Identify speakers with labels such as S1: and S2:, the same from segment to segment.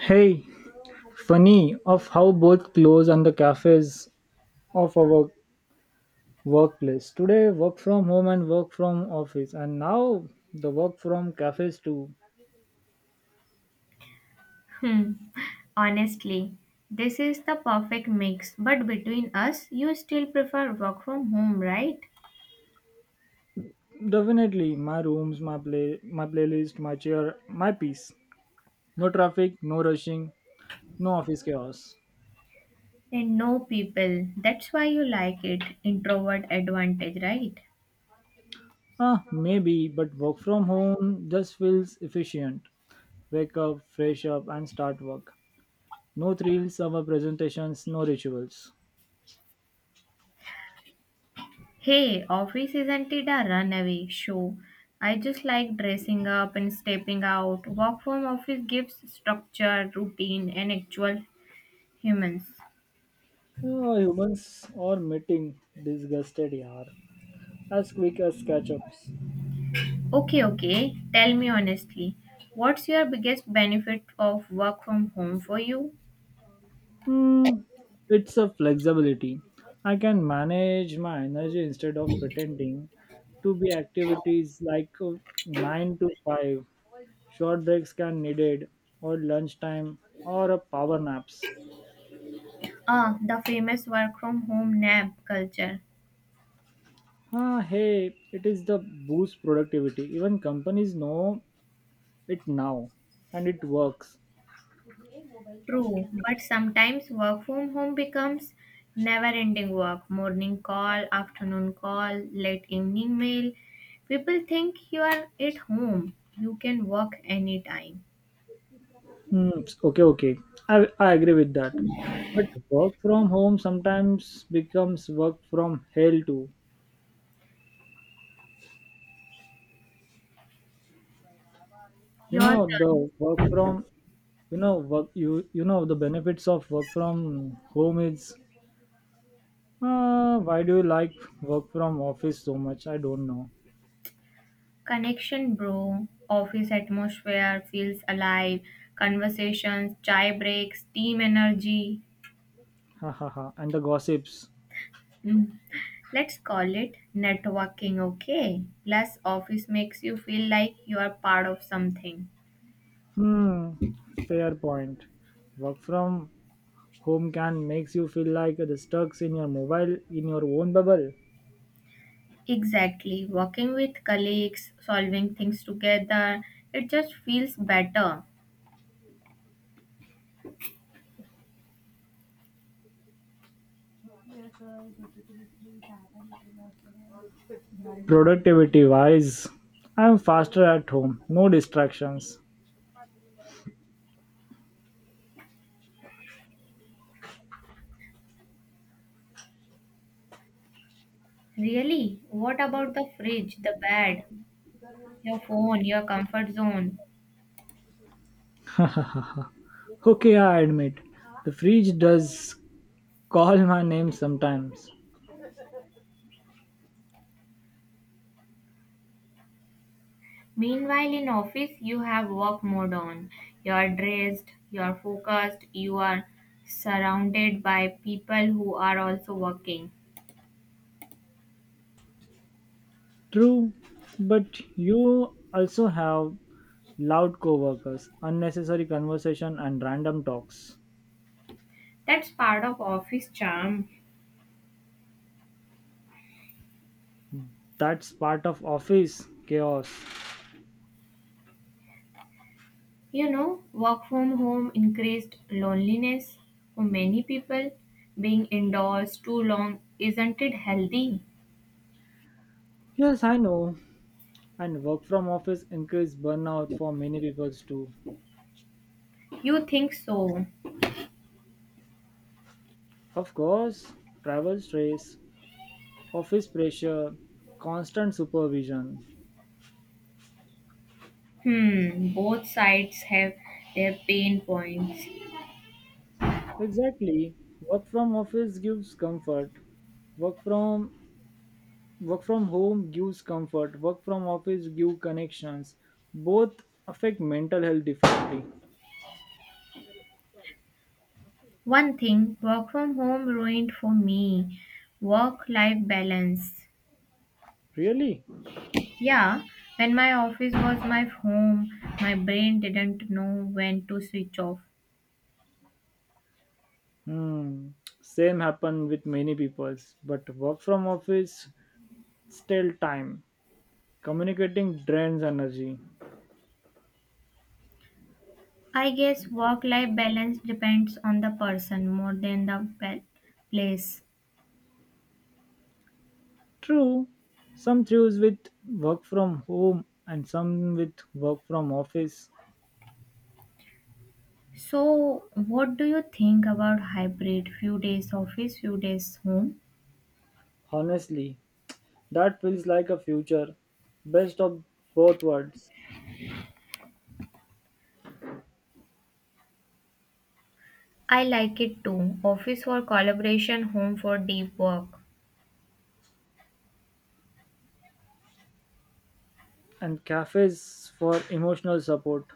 S1: Hey, funny of how both close and the cafes of our workplace. Today, work from home and work from office, and now the work from cafes too.
S2: Hmm. Honestly, this is the perfect mix. But between us, you still prefer work from home, right?
S1: Definitely, my rooms, my play, my playlist, my chair, my peace. No traffic, no rushing, no office chaos.
S2: And no people. That's why you like it. Introvert advantage, right?
S1: Ah, maybe, but work from home just feels efficient. Wake up, fresh up, and start work. No thrills, our presentations, no rituals.
S2: Hey, office isn't it a runaway show? I just like dressing up and stepping out. Work from office gives structure, routine, and actual humans.
S1: Ah, humans are meeting disgusted yaar as quick as catch-ups.
S2: Okay, okay. Tell me honestly, what's your biggest benefit of work from home for you?
S1: Hmm, it's a flexibility. I can manage my energy instead of pretending to be activities like 9 to 5. Short breaks can needed or lunchtime or a power naps.
S2: Ah, the famous work from home nap culture.
S1: Ah, hey, it is the boost productivity. Even companies know it now and it works.
S2: True, but sometimes work from home becomes never ending work. Morning call, afternoon call, late evening mail. People think you are at home. You can work anytime.
S1: Hmm. Okay, okay. I agree with that. But work from home sometimes becomes work from hell too. You
S2: Your
S1: know
S2: turn.
S1: the work from you know work you you know the benefits of work from home is, why do you like work from office so much? I don't know.
S2: Connection, bro. Office atmosphere feels alive. Conversations, chai breaks, team energy.
S1: Ha ha ha. And the gossips.
S2: Mm. Let's call it networking, okay? Plus, office makes you feel like you are part of something.
S1: Hmm. Fair point. Work from home can makes you feel like the stuck in your mobile in your own bubble.
S2: Exactly. Working with colleagues, solving things together, it just feels better.
S1: Productivity wise, I'm faster at home, no distractions.
S2: Really? What about the fridge, the bed, your phone, your comfort zone?
S1: Okay, I admit, the fridge does call my name sometimes.
S2: Meanwhile, in office, you have work mode on. You are dressed, you are focused, you are surrounded by people who are also working.
S1: True, but you also have loud coworkers, unnecessary conversation and random talks.
S2: That's part of office charm.
S1: That's part of office chaos.
S2: Work from home increased loneliness for many people. Being indoors too long isn't it healthy?
S1: Yes, I know. And work from office increase burnout for many people too.
S2: You think so?
S1: Of course, travel stress, office pressure, constant supervision.
S2: Hmm, both sides have their pain points.
S1: Exactly. Work from office gives comfort. Work from work from home gives comfort. Work from office give connections. Both affect mental health differently.
S2: One thing work from home ruined for me work life balance.
S1: Really?
S2: Yeah, when my office was my home, my brain didn't know when to switch off.
S1: Hmm. Same happen with many peoples. But work from office still time. Communicating drains energy.
S2: I guess work life balance depends on the person more than the place.
S1: True. Some choose with work from home and some with work from office.
S2: So, what do you think about hybrid? Few days office, few days home?
S1: Honestly, that feels like a future, best of both worlds,
S2: I like it too. Office for collaboration, home for deep work.
S1: and cafes for emotional support.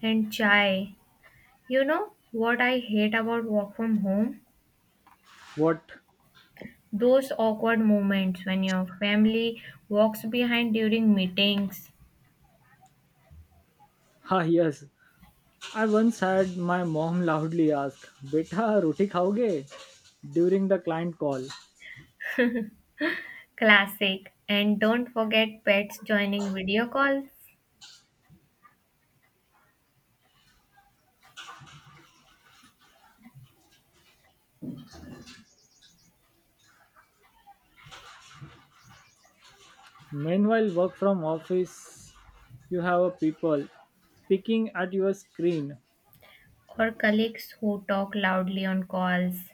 S2: And chai. You know what I hate about work from home?
S1: What?
S2: Those awkward moments when your family walks behind during meetings.
S1: Ah, yes. I once had my mom loudly ask, Beta, roti khaoge? During the client call.
S2: Classic. And don't forget pets joining video calls.
S1: Meanwhile, work from office, you have a people picking at your screen
S2: Or colleagues who talk loudly on calls,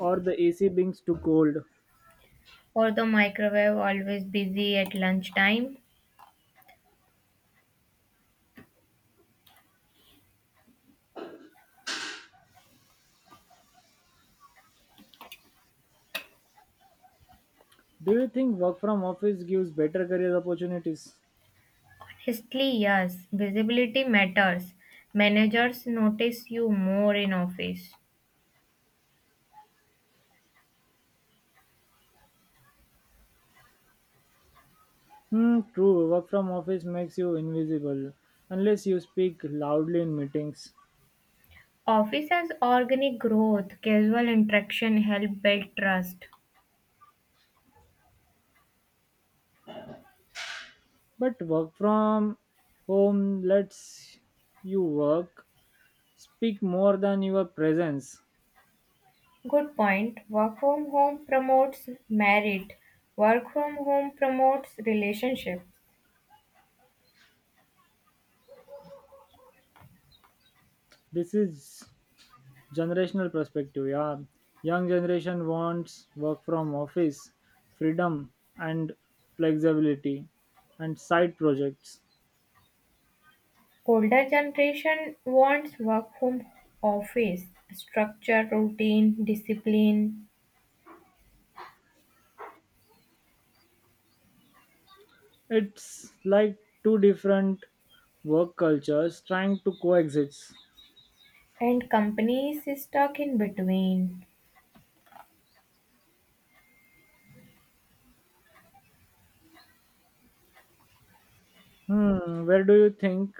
S1: or the AC being too cold.
S2: or the microwave always busy at lunchtime?
S1: Do you think work from office gives better career opportunities?
S2: Honestly, yes, visibility matters. Managers notice you more in office.
S1: Hmm, true. Work from office makes you invisible unless you speak loudly in meetings.
S2: Office has organic growth, casual interaction help build trust.
S1: But work from home lets you work, speak more than your presence.
S2: Good point. Work from home promotes merit. Work from home promotes relationship.
S1: This is generational perspective. Yeah, young generation wants work from office, freedom and flexibility, and side projects.
S2: Older generation wants work from office, structure, routine, discipline,
S1: It's like two different work cultures trying to coexist.
S2: and companies stuck in between.
S1: Hmm, where do you think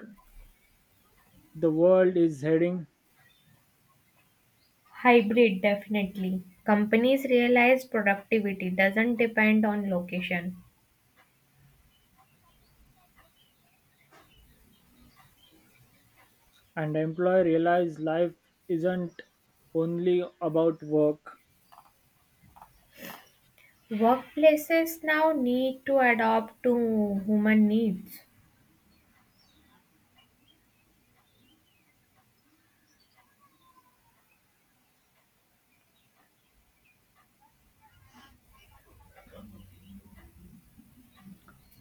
S1: the world is heading?
S2: Hybrid, definitely. Companies realize productivity doesn't depend on location.
S1: And employee realize life isn't only about work.
S2: Workplaces now need to adapt to human needs.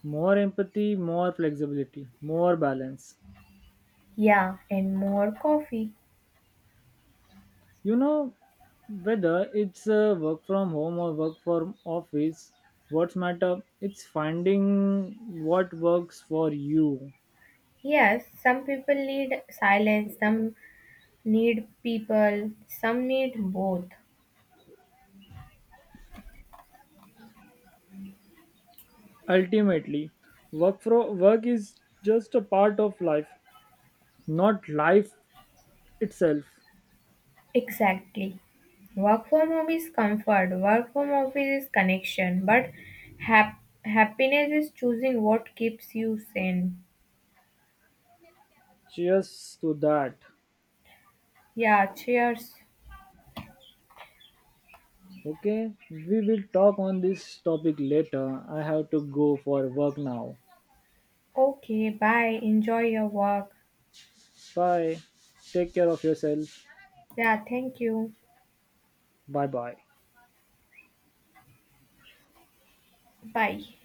S1: More empathy, more flexibility, more balance.
S2: Yeah, and more coffee.
S1: You know, whether it's work from home or work from office, what's matter? It's finding what works for you.
S2: Yes, some people need silence, some need people, some need both.
S1: Ultimately, work for work is just a part of life, not life itself.
S2: Exactly. Work from home is comfort, work from office is connection, but hap- happiness is choosing what keeps you sane.
S1: Cheers to that.
S2: Yeah, cheers.
S1: Okay, we will talk on this topic later. I have to go for work now.
S2: Okay, bye. Enjoy your work.
S1: Bye. Take care of yourself.
S2: Yeah, thank you.
S1: Bye bye.
S2: Bye.